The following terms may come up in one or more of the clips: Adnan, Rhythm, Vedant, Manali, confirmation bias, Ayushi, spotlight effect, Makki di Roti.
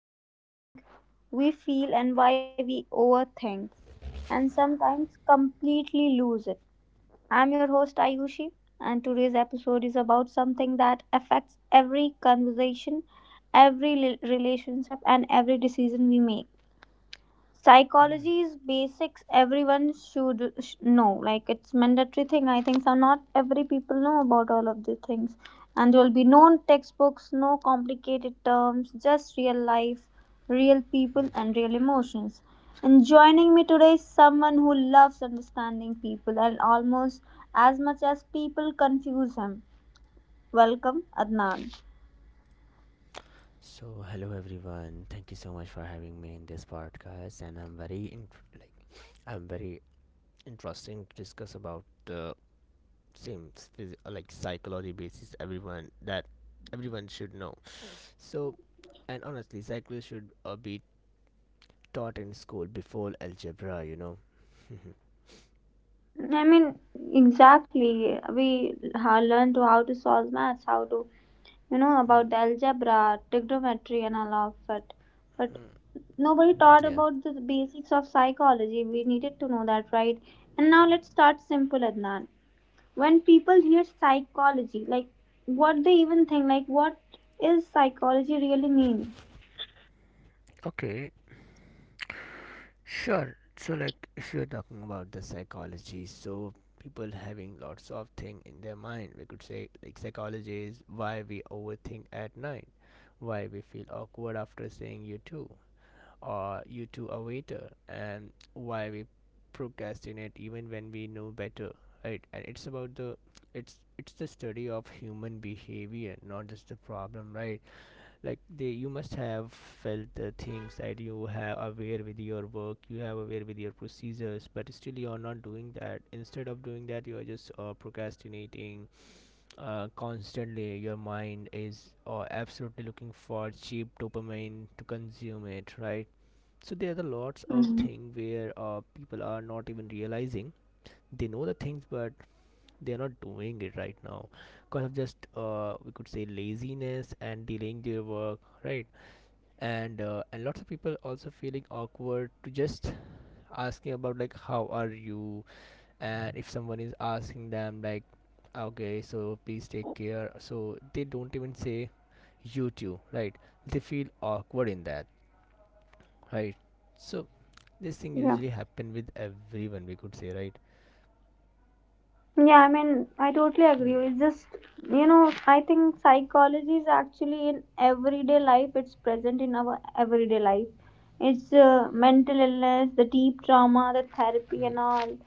why we think, we feel, and why we overthink, and sometimes completely lose it. I'm your host, Ayushi, and today's episode is about something that affects every conversation, every relationship, and every decision we make. Psychology's basics everyone should know, like it's mandatory thing, I think so. Not every people know about all of the things, and there will be no textbooks, no complicated terms, just real life, real people Hmm. and real emotions. And joining me today is someone who loves understanding people and almost as much as people confuse him. Welcome, Adnan. So hello everyone. Thank you so much for having me in this podcast, and I'm very interesting to discuss about the same like psychology basis. Everyone should know. So, and honestly, psychology should be taught in school before algebra. You know. I mean, exactly, we learned to how to solve maths, how to, you know, Hmm. about the algebra, trigonometry and all of it, but Hmm. nobody taught Yeah. about the basics of psychology. We needed to know that, right? And now let's start simple, Adnan. When people hear psychology, like, what they even think, like, what is psychology really mean? Okay, sure. So, like, if you're talking about the psychology, so people having lots of thing in their mind, we could say, like, psychology is why we overthink at night, why we feel awkward after saying you too, or you too a waiter, and why we procrastinate even when we know better, right? And it's the study of human behavior, not just the problem, right? Like, they, you must have felt the things that you have aware with your work, you have aware with your procedures, but still you are not doing that. Instead of doing that you are just procrastinating. Constantly your mind is absolutely looking for cheap dopamine to consume it, right? So there are the lots of Mhm. things where people are not even realizing. They know the things but they are not doing it right now because of just, we could say, laziness and delaying their work, right? And lots of people also feeling awkward to just asking about, like, how are you? And if someone is asking them, like, okay, so please take care, so they don't even say you too, right? They feel awkward in that, right? So this thing Yeah. usually happen with everyone, we could say, right? Yeah, I mean, I totally agree. Hmm. It's just, you know, I think psychology is actually in everyday life, it's present in our everyday life. It's mental illness, the deep trauma, the therapy, Hmm. and all.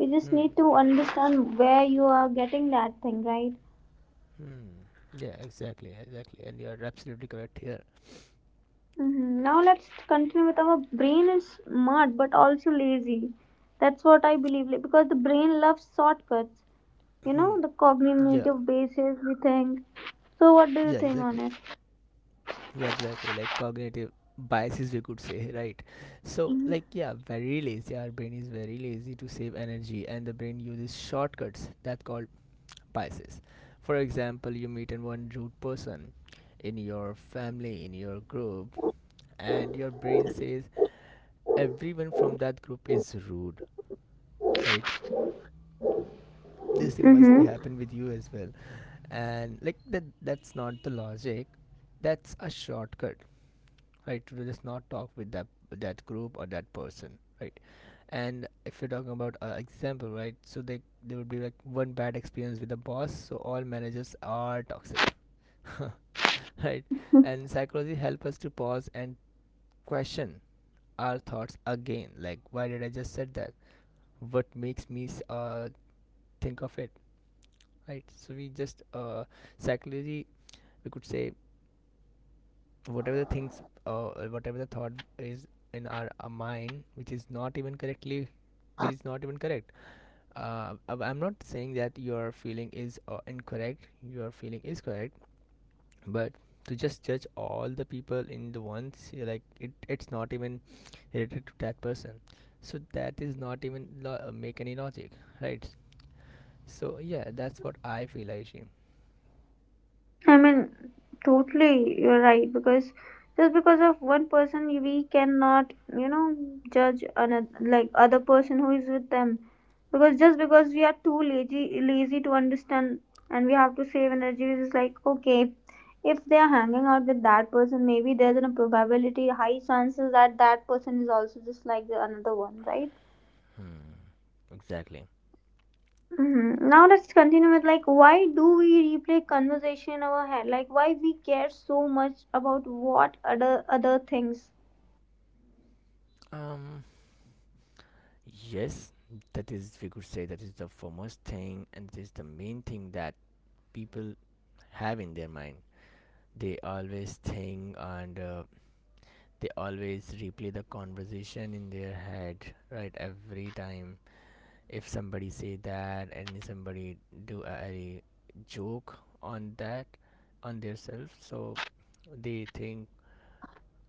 We just Hmm. need to understand where you are getting that thing, right? Hmm. Yeah, exactly, exactly. And you're absolutely correct here. Hmm. Now let's continue with our brain is smart but also lazy. That's what I believe, like, because the brain loves shortcuts. You Hmm. know, the Yeah, cognitive basis we think. So what do you yeah, think on exactly. it? Yeah, exactly, like cognitive biases, we could say, right? So, Mm-hmm. like, yeah, very lazy, our brain is very lazy. To save energy and the brain uses shortcuts that called biases. For example, you meet an one rude person in your family, in your group, and your brain says everyone from that group is rude, right? This thing must be Mm-hmm. happen with you as well. And like that, that's not the logic, that's a shortcut, right? To just not talk with that group or that person, right? And if you're talking about example, right, so they, there would be like one bad experience with the boss, so all managers are toxic. Right? And psychology help us to pause and question our thoughts again, like, why did I just said that? What makes me think of it? Right? So we just, psychology, we could say, whatever the things, uh, whatever the thought is in our mind, which is not even correctly, which is not even correct. I am not saying that your feeling is incorrect. Your feeling is correct, but to just judge all the people in the ones you're, like, it's not even related to that person. So that is not even make any logic, right? So yeah, that's what I feel, Aishi. I mean, totally, you're right. Because just because of one person, we cannot, you know, judge another, like, other person who is with them. Because just because we are too lazy, lazy to understand, and we have to save energy, it's like, okay, if they are hanging out with that person, maybe there's a probability, high chances that that person is also just like the another one, right? Hmm, exactly. Mhm. Now let's continue with, like, why do we replay conversation in our head? Like, why we care so much about what other things? Um, Yes, that is, we could say, that is the foremost thing, and it is the main thing that people have in their mind. They always think, and they always replay the conversation in their head, right? Every time, if somebody say that and somebody do a joke on that, on their self, so they think.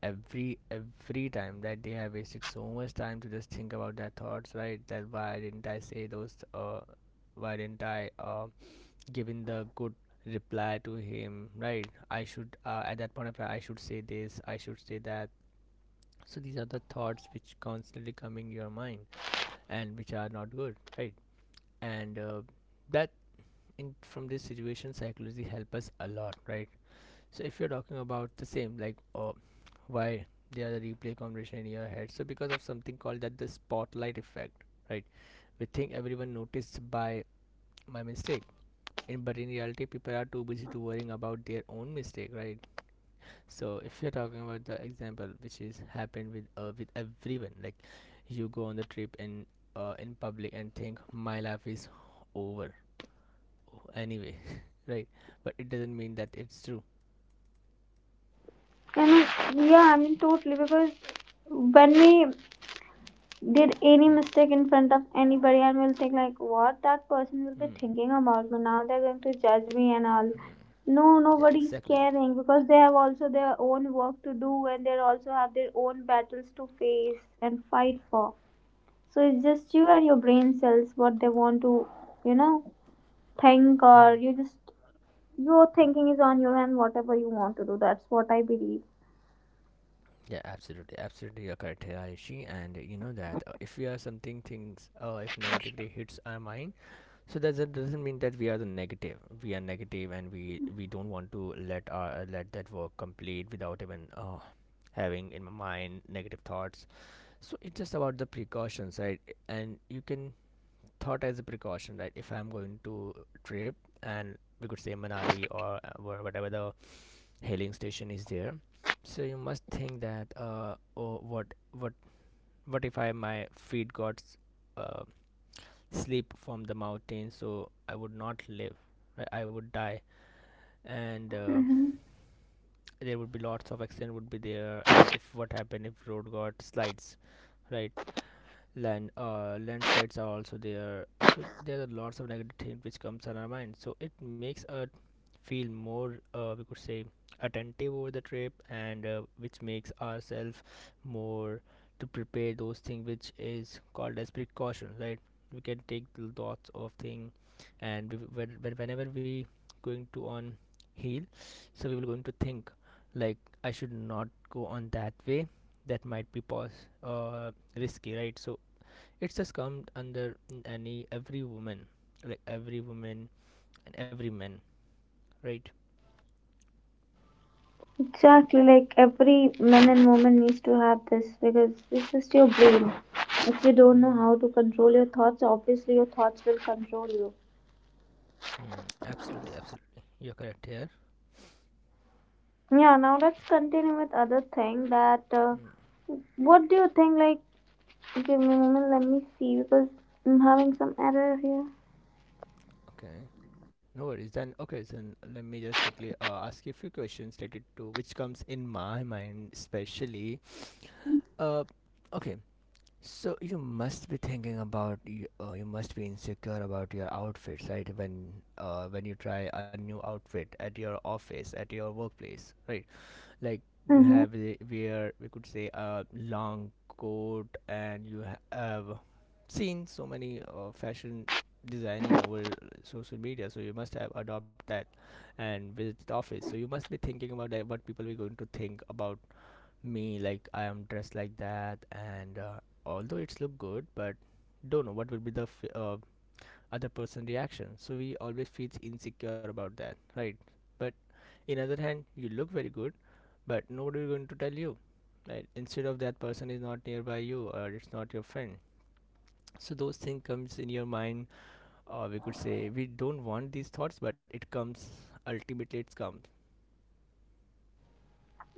Every time that they have wasted so much time to just think about their thoughts, right? That, why didn't I say those, why didn't I given the good reply to him? Right? I should, at that point of time, I should say this, I should say that. So these are the thoughts which constantly coming your mind, and which are not good, right? and that, in from this situation, psychology help us a lot, right? So if you're talking about the same, like, why there are the replay conversation in your head, so because of something called that the spotlight effect, right? We think everyone noticed by my mistake, and but in reality, people are too busy to worrying about their own mistake, right? So if you're talking about the example which is happened with everyone, like, you go on the trip in public and think my life is over anyway, right? But it doesn't mean that it's true. I mean, yeah, I mean totally, because when we did any Hmm. mistake in front of anybody, and we'll think like what that person will be Hmm. thinking about me now. They're going to judge me and all. Hmm. No, Yeah, nobody's exactly. caring because they have also their own work to do, and they also have their own battles to face and fight for. So it's just you and your brain cells what they want to, you know, think, Hmm. or you just, your thinking is on your hand, whatever you want to do. That's what I believe. Yeah, absolutely, absolutely. You're correct, Hirayoshi. And you know that, if we are something things, if negativity hits our mind, so that doesn't mean that we are the negative. We are negative, and we don't want to let our, let that work complete without even, having in my mind negative thoughts. So it's just about the precautions, right? And you can thought as a precaution, right? If I'm going to trip, and we could say Manali, or whatever the hailing station is there, so you must think that, oh, what what if I my feet got uh, slip from the mountain, so I would not live, right? I would die. And Hmm. there would be lots of accident would be there, if what happened if road got slides, right? Land, landslides are also there. So there are lots of negative things which comes on our mind, so it makes us feel more, we could say, attentive over the trip, and which makes ourselves more to prepare those things, which is called as precaution, right? We can take the lots of thing, and we, whenever we going to on hill, so we will going to think, like, I should not go on that way, that might be risky, right? So it's just come under any every woman, like every woman and every man, right? Exactly, like every man Mm, and woman needs to have this because it's just your brain. If you don't know mm, how to control your thoughts, obviously your thoughts will control you. mm, absolutely, absolutely. You're correct here. Yeah, now let's continue with other thing that Mm, what do you think like, give me a moment, let me see because I'm having some error here. okay. No worries. Then okay. Then let me just quickly ask you a few questions related to which comes in my mind, especially. Uh, okay. So you must be thinking about you. You must be insecure about your outfits, right? When you try a new outfit at your office, at your workplace, right? Like, you Mhm. have a, where we could say a long coat, and you have seen so many fashion designing over social media, so you must have adopt that and visit the office. So you must be thinking about that, what people are going to think about me, like, I am dressed like that, and although it's look good but don't know what will be the other person reaction, so we always feels insecure about that, right? But in other hand you look very good, but nobody is going to tell you, right? Instead of that person is not nearby you, or it's not your friend. So those things comes in your mind, or we could say we don't want these thoughts but it comes, ultimately it comes.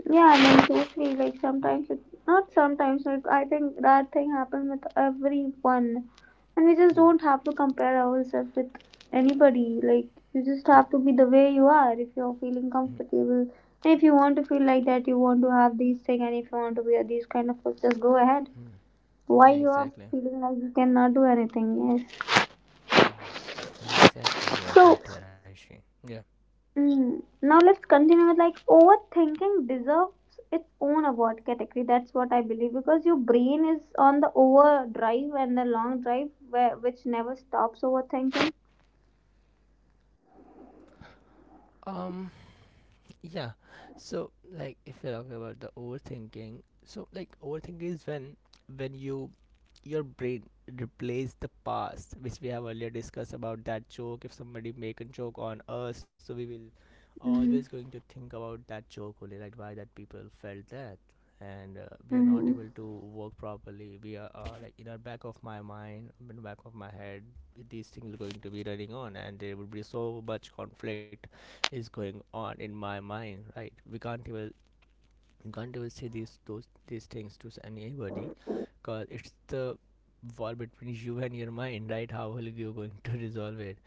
Yeah, I mean, totally. Like, Hmm. sometimes it, not sometimes, like, I think that thing happened with everyone. And we just Hmm. don't have to compare ourselves with anybody. Like, you Hmm. just have to be the way you are if you're feeling Hmm. comfortable. And if you want to feel like that, you want to have these thing, and if you want to wear these kind of clothes, just go ahead. Hmm. Why Yeah, you are exactly. feeling like you cannot do anything? Yes. Hmm. Yeah, exactly, you are So, correct here, Aishi. Yeah. mm. Now let's continue with, like, overthinking deserves its own award category. That's what I believe, because your brain is on the overdrive and the long drive where, which never stops overthinking. um Yeah. So like, if you're talking about the overthinking, so, like, overthinking is when you, your brain replace the past, which we have earlier discussed about that joke. If somebody make a joke on us, so we will always Mm-hmm. going to think about that joke only, right? Why that people felt that, and we are not Mm-hmm. able to work properly. We are like In our back of my mind, in the back of my head, these things are going to be running on, and there will be so much conflict is going on in my mind, right? We can't even, you can't even say these things to anybody, because it's the wall between you and your mind, right? How are you going to resolve it?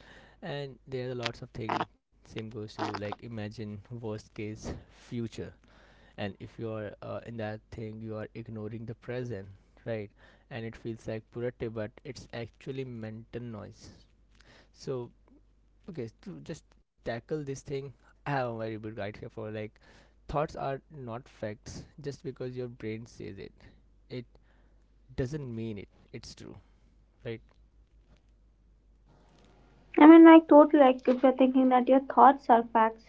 And there are lots of things. Same goes to, like, imagine worst case future, and if you are in that thing, you are ignoring the present, right? And it feels like productive, but it's actually mental noise. So okay, to just tackle this thing, I have a very good guide here for, like, thoughts are not facts, just because your brain says it. It doesn't mean it. It's true, right? I mean, like totally. Like, if you're thinking that your thoughts are facts,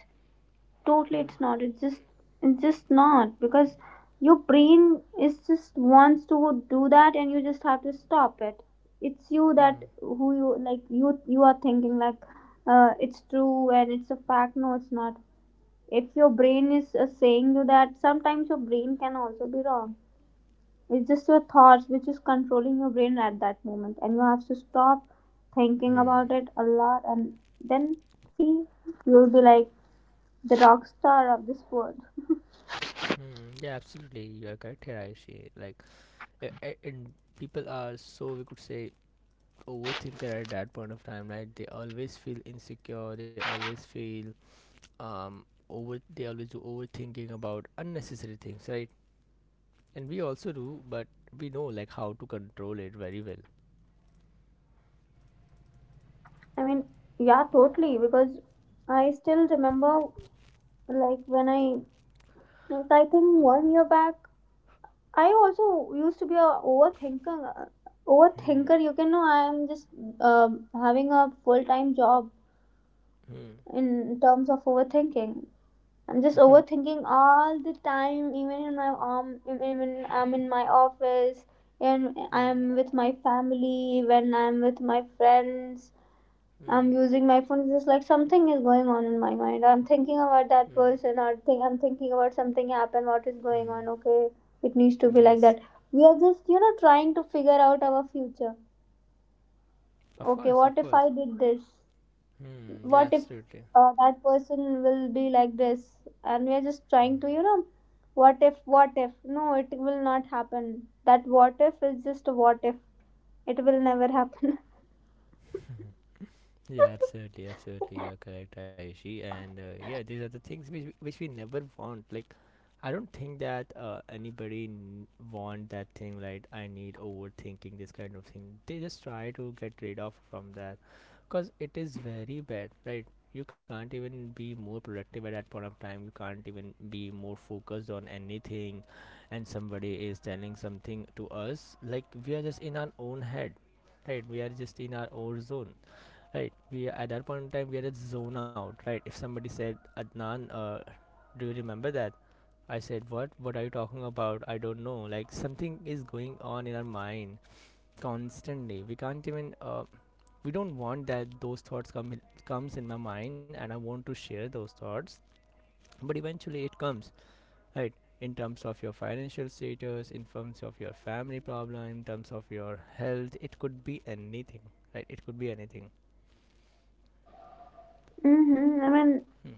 totally Hmm. it's not, it's just, it's just not, because your brain is just wants to do that, and you just have to stop it. It's you that Hmm. who, you like, you are thinking like, it's true and it's a fact. No, it's not. If your brain is saying you that, sometimes your brain can also be wrong. It's just your thoughts which is controlling your brain at that moment, and you have to stop thinking Hmm. about it a lot, and then, see, you'll be like the rock star of this world. Hmm. Yeah, absolutely. You are correct here, Ayushi. Like, and people are, so we could say, overthinker at that point of time, right? They always feel insecure. They always feel over. They always do overthinking about unnecessary things, right? And we also do, but we know, like, how to control it very well. I mean, yeah, totally. Because I still remember, like, when I, like, I think 1 year back, I also used to be a overthinker. Hmm. Overthinker, you can know I am just, um, having a full time job Hmm. in terms of overthinking. I'm just overthinking all the time, even in my, even I'm in my office, and Hmm. I'm with my family, when I'm with my friends, Hmm. I'm using my phone. It's just like something is going on in my mind. I'm thinking about that Hmm. person, or think I'm thinking about something happened. What is going Hmm. on? Okay, it needs to be like Yes. that. We are just, you know, trying to figure out our future. Of Okay, course, what of if course. I did this? Hmm. Yeah. What if Absolutely. That person will be like this? And we are just trying to, you know, what if? What if? No, it will not happen. That what if is just a what if. It will never happen. Yeah, absolutely, absolutely. You're correct, Aishi. And yeah, these are the things which we never want. Like, I don't think that anybody want that thing. Like, I need overthinking this kind of thing. They just try to get rid of from that, cause it is very bad, right? You can't even be more productive at that point of time. You can't even be more focused on anything, and somebody is telling something to us. Like we are just in our own head, right? We are just in our own zone, right? We at that point in time we had a zone out, right? If somebody said, Adnan, do you remember that? I said, what are you talking about? I don't know, like something is going on in our mind constantly. We can't even we don't want that, those comes in my mind, and I want to share those thoughts, but eventually it comes, right? In terms of your financial status, in terms of your family problem, in terms of your health, it could be anything, right? It could be anything. Mm-hmm. I mean, Hmm.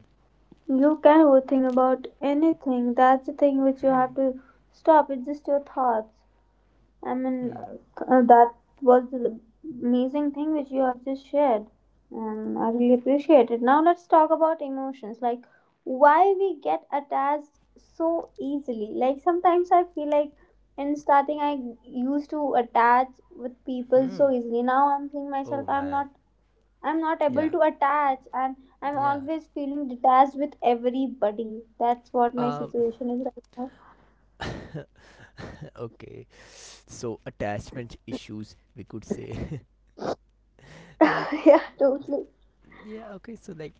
you can overthink about anything. That's the thing which you have Hmm. to stop. It's just your thoughts. I mean, Hmm. That was the amazing thing which you have just shared. And I really appreciate it. Now, let's talk about emotions. Like, why we get attached so easily. Like, sometimes I feel like in starting, I used to attach with people Hmm. so easily. Now, I'm seeing myself, Oh I'm man. not I'm not able Yeah. to attach, and I'm Yeah. always feeling detached with everybody. That's what my Um. situation is right now. Okay. So attachment issues, we could say, right? Totally. Yeah. Okay. So like,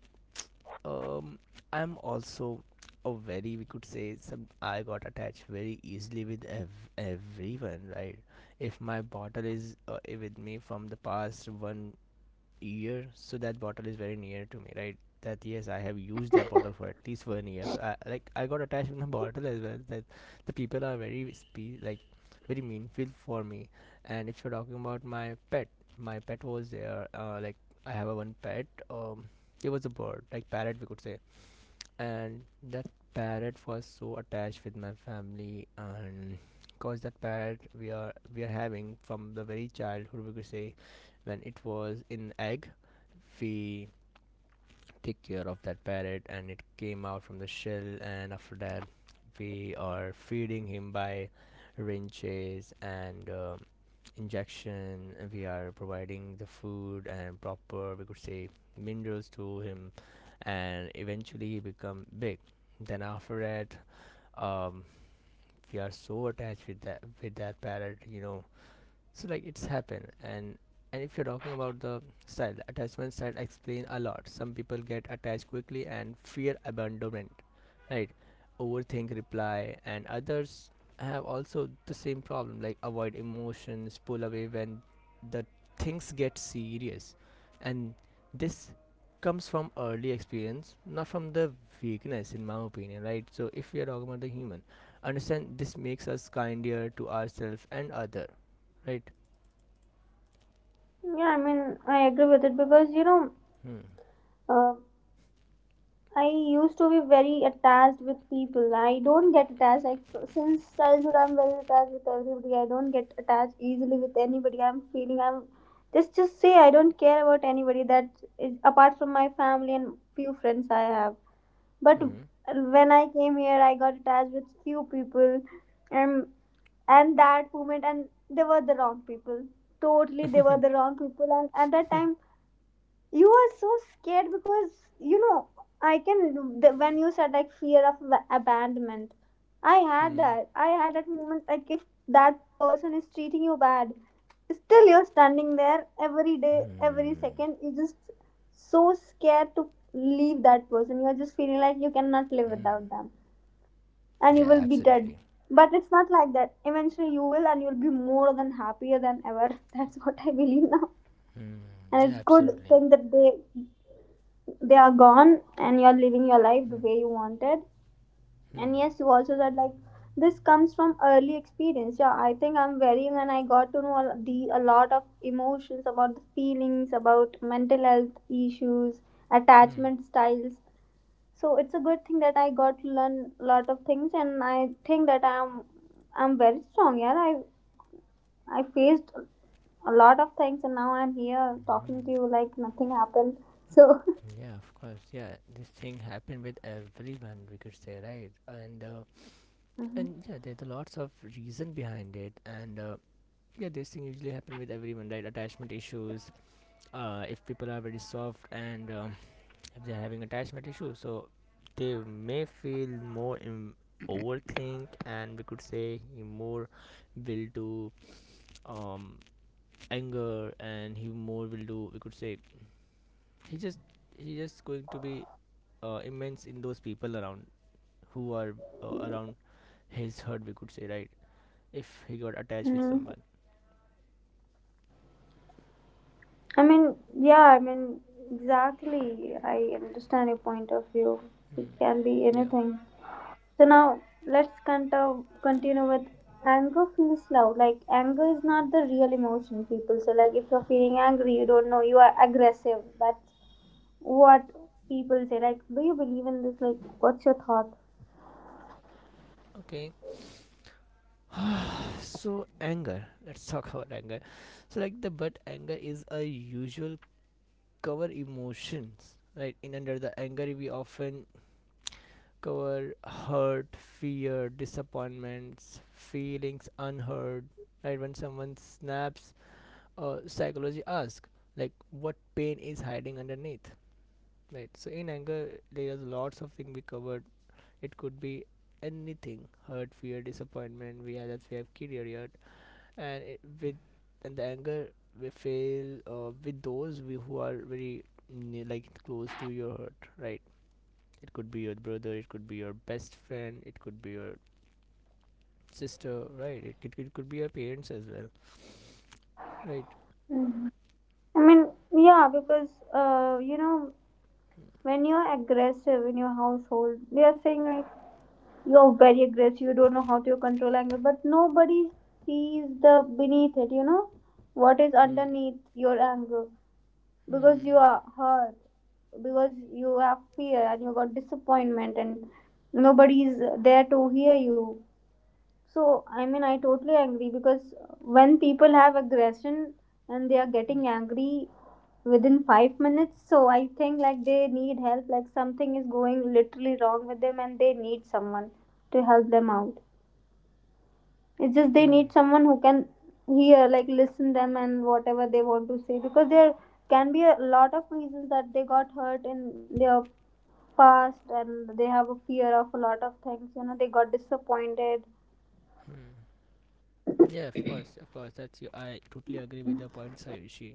um, I'm also a very, we could say, some I got attached very easily with everyone, right? If my bottle is with me from the past 1 year, so that bottle is very near to me, right? That, yes, I have used that bottle for at least 1 year, so I like, I got attached with the bottle as well. That the people are very like very meaningful for me. And if you're talking about my pet, my pet was there like I have a one pet, um, it was a bird, like parrot, we could say. And that parrot was so attached with my family, and cause that parrot we are having from the very childhood, we could say. When it was in egg, we take care of that parrot and it came out from the shell, and after that we are feeding him by wrenches and, um, injection, we are providing the food and proper, we could say, minerals to him. And eventually he become big. Then after that, um, we are so attached with that parrot, you know. So like, it's happened. And if you're talking about the style, attachment style explain a lot. Some people get attached quickly and fear abandonment, right? Overthink reply, and others have also the same problem, like avoid emotions, pull away when the things get serious. And this comes from early experience, not from the weakness, in my opinion, right? So if we are talking about the human, understand this makes us kinder to ourselves and other, right? Yeah, I mean, I agree with it, because you know, Hmm. uh, I used to be very attached with people. I don't get attached. Like, since childhood, I'm very attached with everybody. I don't get attached easily with anybody. I'm feeling I'm just say I don't care about anybody, that is apart from my family and few friends I have. But Hmm. when I came here, I got attached with few people, and that moment, and they were the wrong people. Totally, they were the wrong people, and at that time you were so scared because, you know, I can the, when you said like fear of abandonment, I had Hmm. that. I had that moment, like, if that person is treating you bad, still you're standing there every day, every Hmm. second, you're just so scared to leave that person. You're just feeling like you cannot live Hmm. without them, and you Yeah, will be dead. absolutely. But it's not like that. Eventually you will, and you'll be more than happier than ever. That's what I believe now. Hmm. And Yeah, it's good absolutely. thing that they are gone, and you're living your life the Hmm. way you wanted. Hmm. And yes, you also said like this comes from early experience. Yeah, I think I'm very young, and I got to know the a lot of emotions about the feelings, about mental health issues, Hmm. Hmm. Hmm. attachment styles. So it's a good thing that I got to learn a lot of things, and I think that I'm very strong. Yeah, I faced a lot of things, and now I'm here Hmm. talking to you like nothing happened. Hmm. Hmm. Hmm. Hmm. Hmm. Hmm. Hmm. Hmm. Hmm. So, Yeah, of course. Yeah, this thing happened with everyone, we could say, right? Mhm. And yeah, there's a lots of reason behind it. And yeah, this thing usually happen with everyone, right? Attachment issues. If people are very soft and, if they're having attachment issues, so they may feel more in overthink, and we could say he more will do, um, anger, and he more will do, we could say, he just he just going to be immense in those people around who are around his herd, we could say, right? If he got attached with Mhm. someone. I mean, yeah, I mean, exactly. I understand your point of view. It Hmm. can be Yeah. anything. So now let's continue with anger feels loud. Like, anger is not the real emotion. People say like if you're feeling angry, you don't know you are aggressive. That's what people say. Like, do you believe in this? Like, what's your thought? Okay. So anger, let's talk about anger. So like the but anger is a usual cover emotions, right? In under the anger, we often cover hurt, fear, disappointments, feelings unheard, right? When someone snaps, psychology asks like what pain is hiding underneath, right? So in anger there's lots of things we covered. It could be anything, hurt, fear, disappointment, we have that, we have carried. And it, with and the anger we feel with who are very like close to your heart, right? It could be your brother, it could be your best friend, it could be your sister, right? It could be your parents as well, right? Mhm. I mean, yeah, because you know, when you're aggressive in your household, they are saying like you're very aggressive, you don't know how to control anger, but nobody sees the beneath it, you know, what is Hmm. underneath your anger, because you Hmm. are hurt, because you have fear and you got disappointment, and nobody is there to hear you. So I mean, I totally agree, because when people have aggression and they are Hmm. getting angry within 5 minutes, so I think like they need help, like something is going literally wrong with them, and they need someone to help them out. It's just they Hmm. need someone who can hear, like, listen them and whatever they want to say, because there can be a lot of reasons that they got hurt in their past, and they have a fear of a lot of things, you know, they got disappointed. Hmm. Yeah, of course, of course. That's, you, I totally agree with the point, Sayushi.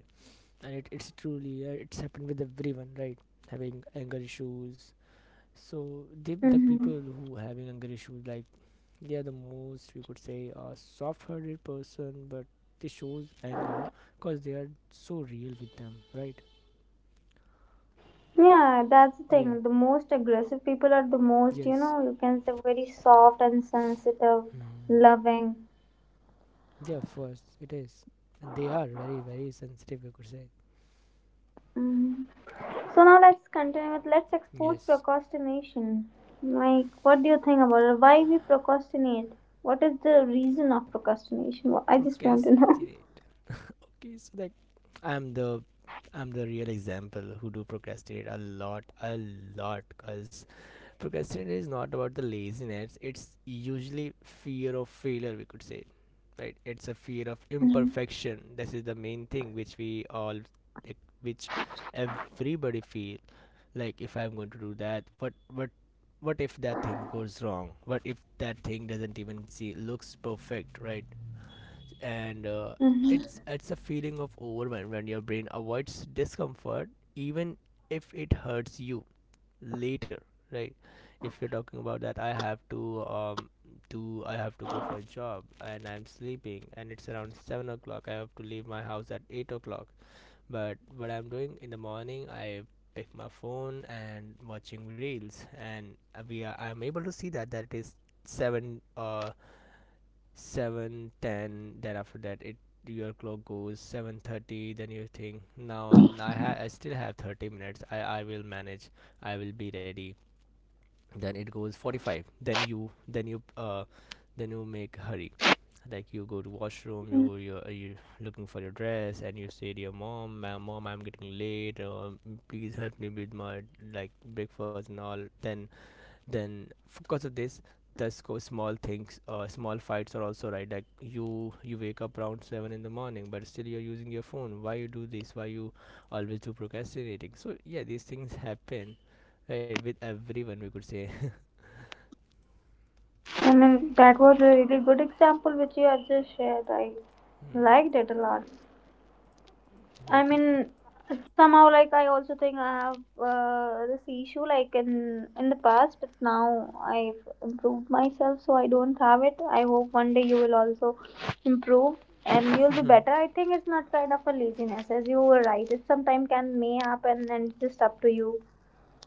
And it's truly it's happened with everyone, right? Having anger issues. So the Hmm. people who having anger issues, like they are the most, we could say, a soft-hearted person, but they shows anger because they are so real with them, right? Yeah, that's the Yeah. thing. The most aggressive people are the most, you Yes. know, you can say very soft and sensitive, Hmm. loving. Yeah, of course it is. And they are very, very sensitive, you could say. Hmm. So now let's continue with let's expose Yes. procrastination. Like, what do you think about it? Why we procrastinate? What is the reason of procrastination? I just want to know. Procrastinate. Okay, so like i'm the I'm the real example who do procrastinate a lot a lot, because procrastination is not about the laziness, it's usually fear of failure, we could say, right? It's a fear of imperfection. This is the main thing which we all like, which everybody feel. Like if I'm going to do that, what what if that thing goes wrong, what if that thing doesn't even see looks perfect, right? And it's a feeling of overwhelm when your brain avoids discomfort even if it hurts you later, right? If you're talking about that, I have to, um, do I have to go for a job, and I'm sleeping and it's around 7 o'clock, I have to leave my house at 8 o'clock. But what I'm doing in the morning, I pick my phone and watching reels, and I'm able to see that that it is seven uh 7:10. Then after that it, your clock goes 7:30. Then you think, now I I still have 30 minutes, I will manage, I will be ready. Then it goes 45, then you then you then you make hurry, like you go to washroom, Hmm. You looking for your dress, and you say to your mom, Mom, I'm getting late, please help me with my like breakfast and all." Then because of this, thus go small things, small fights are also, right? Like you wake up around 7 in the morning, but still you're using your phone. Why you do this, why you always do procrastinating? So yeah, these things happen, right, with everyone, we could say. I mean, that was a really good example which you have just shared. I Hmm. liked it a lot. I Yeah. mean, somehow like I also think I have this issue like in the past, but now I've improved myself, so I don't have it. I hope one day you will also improve and you'll be better. I think it's not kind of a laziness, as you were right. It sometimes can may happen, and it's just up to you.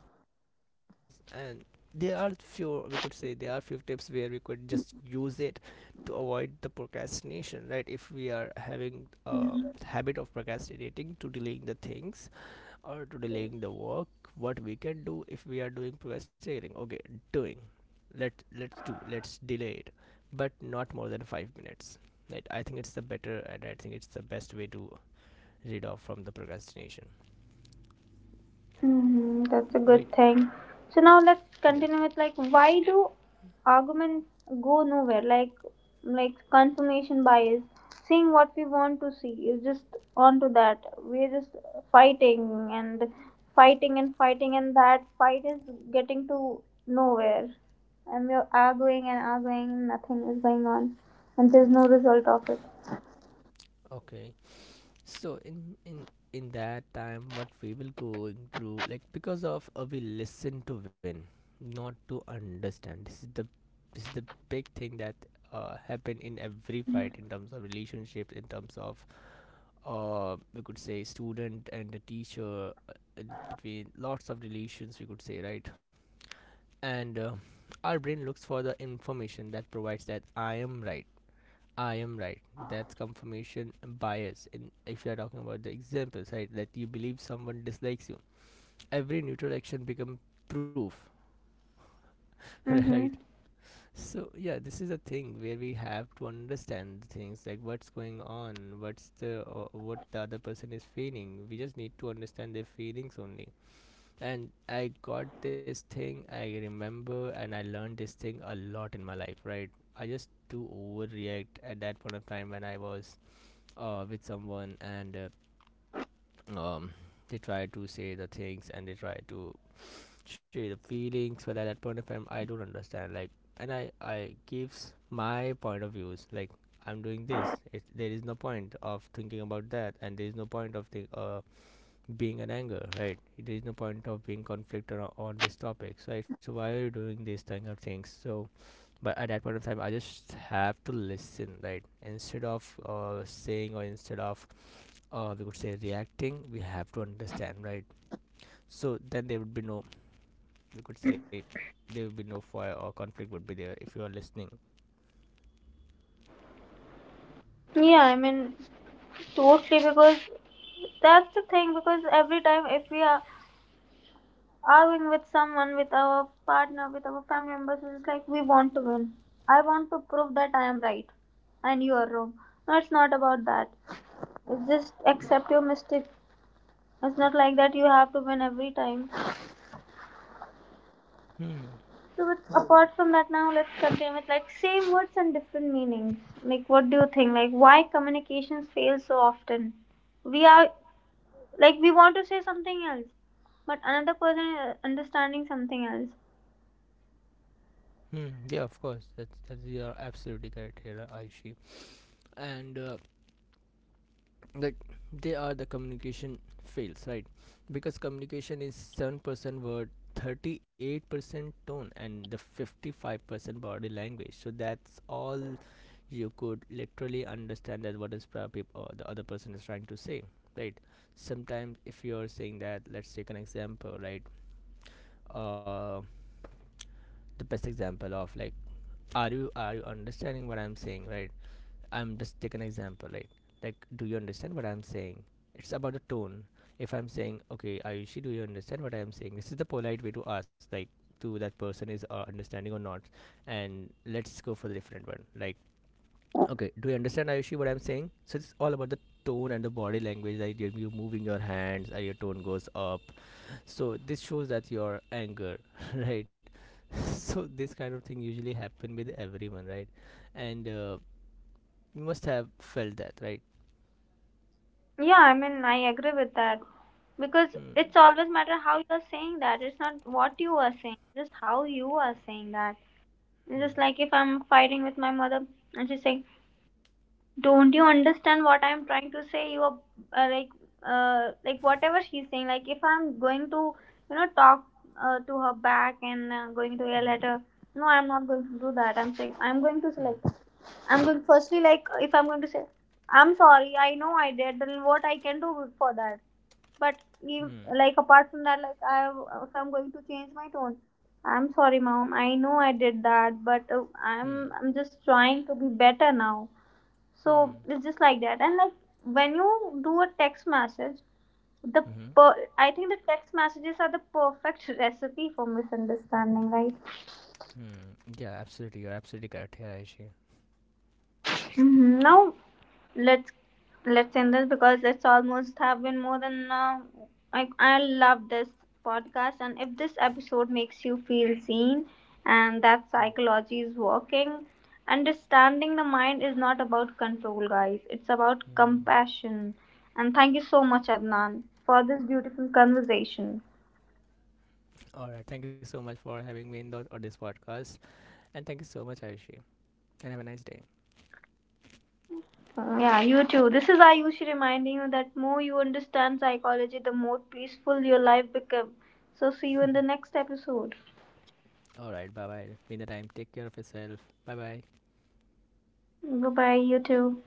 Hmm. Of course. And there are few, we could say, there are few tips where we could just use it to avoid the procrastination, right? If we are having a habit of procrastinating, to delaying the things or to delaying the work, what we can do if we are doing procrastinating? Okay, doing. Let's do. Let's delay it, but not more than 5 minutes. Right. I think it's the better, and I think it's the best way to rid off from the procrastination. Hmm. That's a good Right. thing. So now let's Yeah. continue with like why do arguments go nowhere? Like confirmation bias, seeing what we want to see is just onto that. We're just fighting and fighting and fighting, and that fight is getting to nowhere. And we're arguing and arguing, nothing is going on, and there's no result of it. Okay. So in in that time, what we will going through, like because of, we listen to win, not to understand. This is the, this is the big thing that happen in every fight in terms of relationship, in terms of, we could say, student and the teacher, in between lots of relations, we could say, right? And our brain looks for the information that provides that I am right, I am right. That's confirmation bias. In if you are talking about the examples, right, that you believe someone dislikes you, every neutral action becomes proof, right? Mm-hmm. So yeah, this is a thing where we have to understand the things, like what's going on, what's the what the other person is feeling. We just need to understand their feelings only. And I got this thing, I remember, and I learned this thing a lot in my life, right? I just do overreact at that point of time when I was with someone, and um, they try to say the things, and they try to share the feelings, but at that point of time I don't understand, like, and I gives my point of views. Like, I'm doing this, there is no point of thinking about that, and there is no point of being an anger, right? There is no point of being conflicted on this topic so right? So why are you doing this kind of things? So, but at that point of time I just have to listen, right? Instead of saying, or instead of, we could say, reacting, we have to understand, right? So then there would be no, we could say, there would be no fire or conflict would be there if you are listening. Yeah, I mean, totally, because that's the thing. Because every time if we are arguing with someone, with our partner, with our family members, is like we want to win. I want to prove that I am right and you are wrong. No, it's not about that. It's just accept your mistake. It's not like that you have to win every time. Hmm. So but apart from that, now let's continue with like same words and different meanings. Like what do you think? Like why communications fail so often? We are like we want to say something else, but another person is understanding something else. Hmm. Yeah, of course. That's, you are absolutely correct here, Aishi. And like they are the communication fails, right? Because communication is 7% word, 38% tone, and the 55% body language. So that's all, you could literally understand that what is probably or the other person is trying to say, right? Sometimes if you're saying that, let's take an example, right? uh the best example of like, are you understanding what I'm saying, right? I'm just take an example, right? Like, do you understand what I'm saying? It's about the tone. If I'm saying, okay, Ayushi, do you understand what I'm saying? This is the polite way to ask, like, to that person is understanding or not. And let's go for the different one. Like, okay, do you understand, Ayushi, what I'm saying? So it's all about the tone and the body language. Like, you you're moving your hands, and your tone goes up. So this shows that your anger, right? So this kind of thing usually happen with everyone, right? And you must have felt that, right? Yeah, I mean, I agree with that because Mm, it's always matter how you are saying that. It's not what you are saying, just how you are saying that. It's mm, just like if I'm fighting with my mother and she's saying, don't you understand what I'm trying to say? You are uh, like, like whatever she's saying. Like if I'm going to, you know, talk to her back and going to mm, yell at her. No, I'm not going to do that. I'm saying I'm going to say mm, like I'm going firstly like if I'm going to say I'm sorry. I know I did. Then what I can do for that? But if, mm, like apart from that, like I if I'm going to change my tone. I'm sorry, mom. I know I did that, but mm, I'm just trying to be better now, so mm, it's just like that. And like when you do a text message, the mhm, I think the text messages are the perfect recipe for misunderstanding, right? mm. Yeah, absolutely. You're absolutely correct here, Aishi. Mhm. Now let's let's end this because it's almost have been more than like I love this podcast, and if this episode makes you feel seen and that psychology is working, understanding the mind is not about control, guys, it's about compassion. And thank you so much, Adnan, for this beautiful conversation. All right. Thank you so much for having me in on this podcast. And thank you so much, Aishi. And have a nice day. Yeah, you too. This is Ayushi reminding you that more you understand psychology, the more peaceful your life becomes. So see you in the next episode. All right. Bye bye. Meantime, take care of yourself. Bye bye. Goodbye, you too.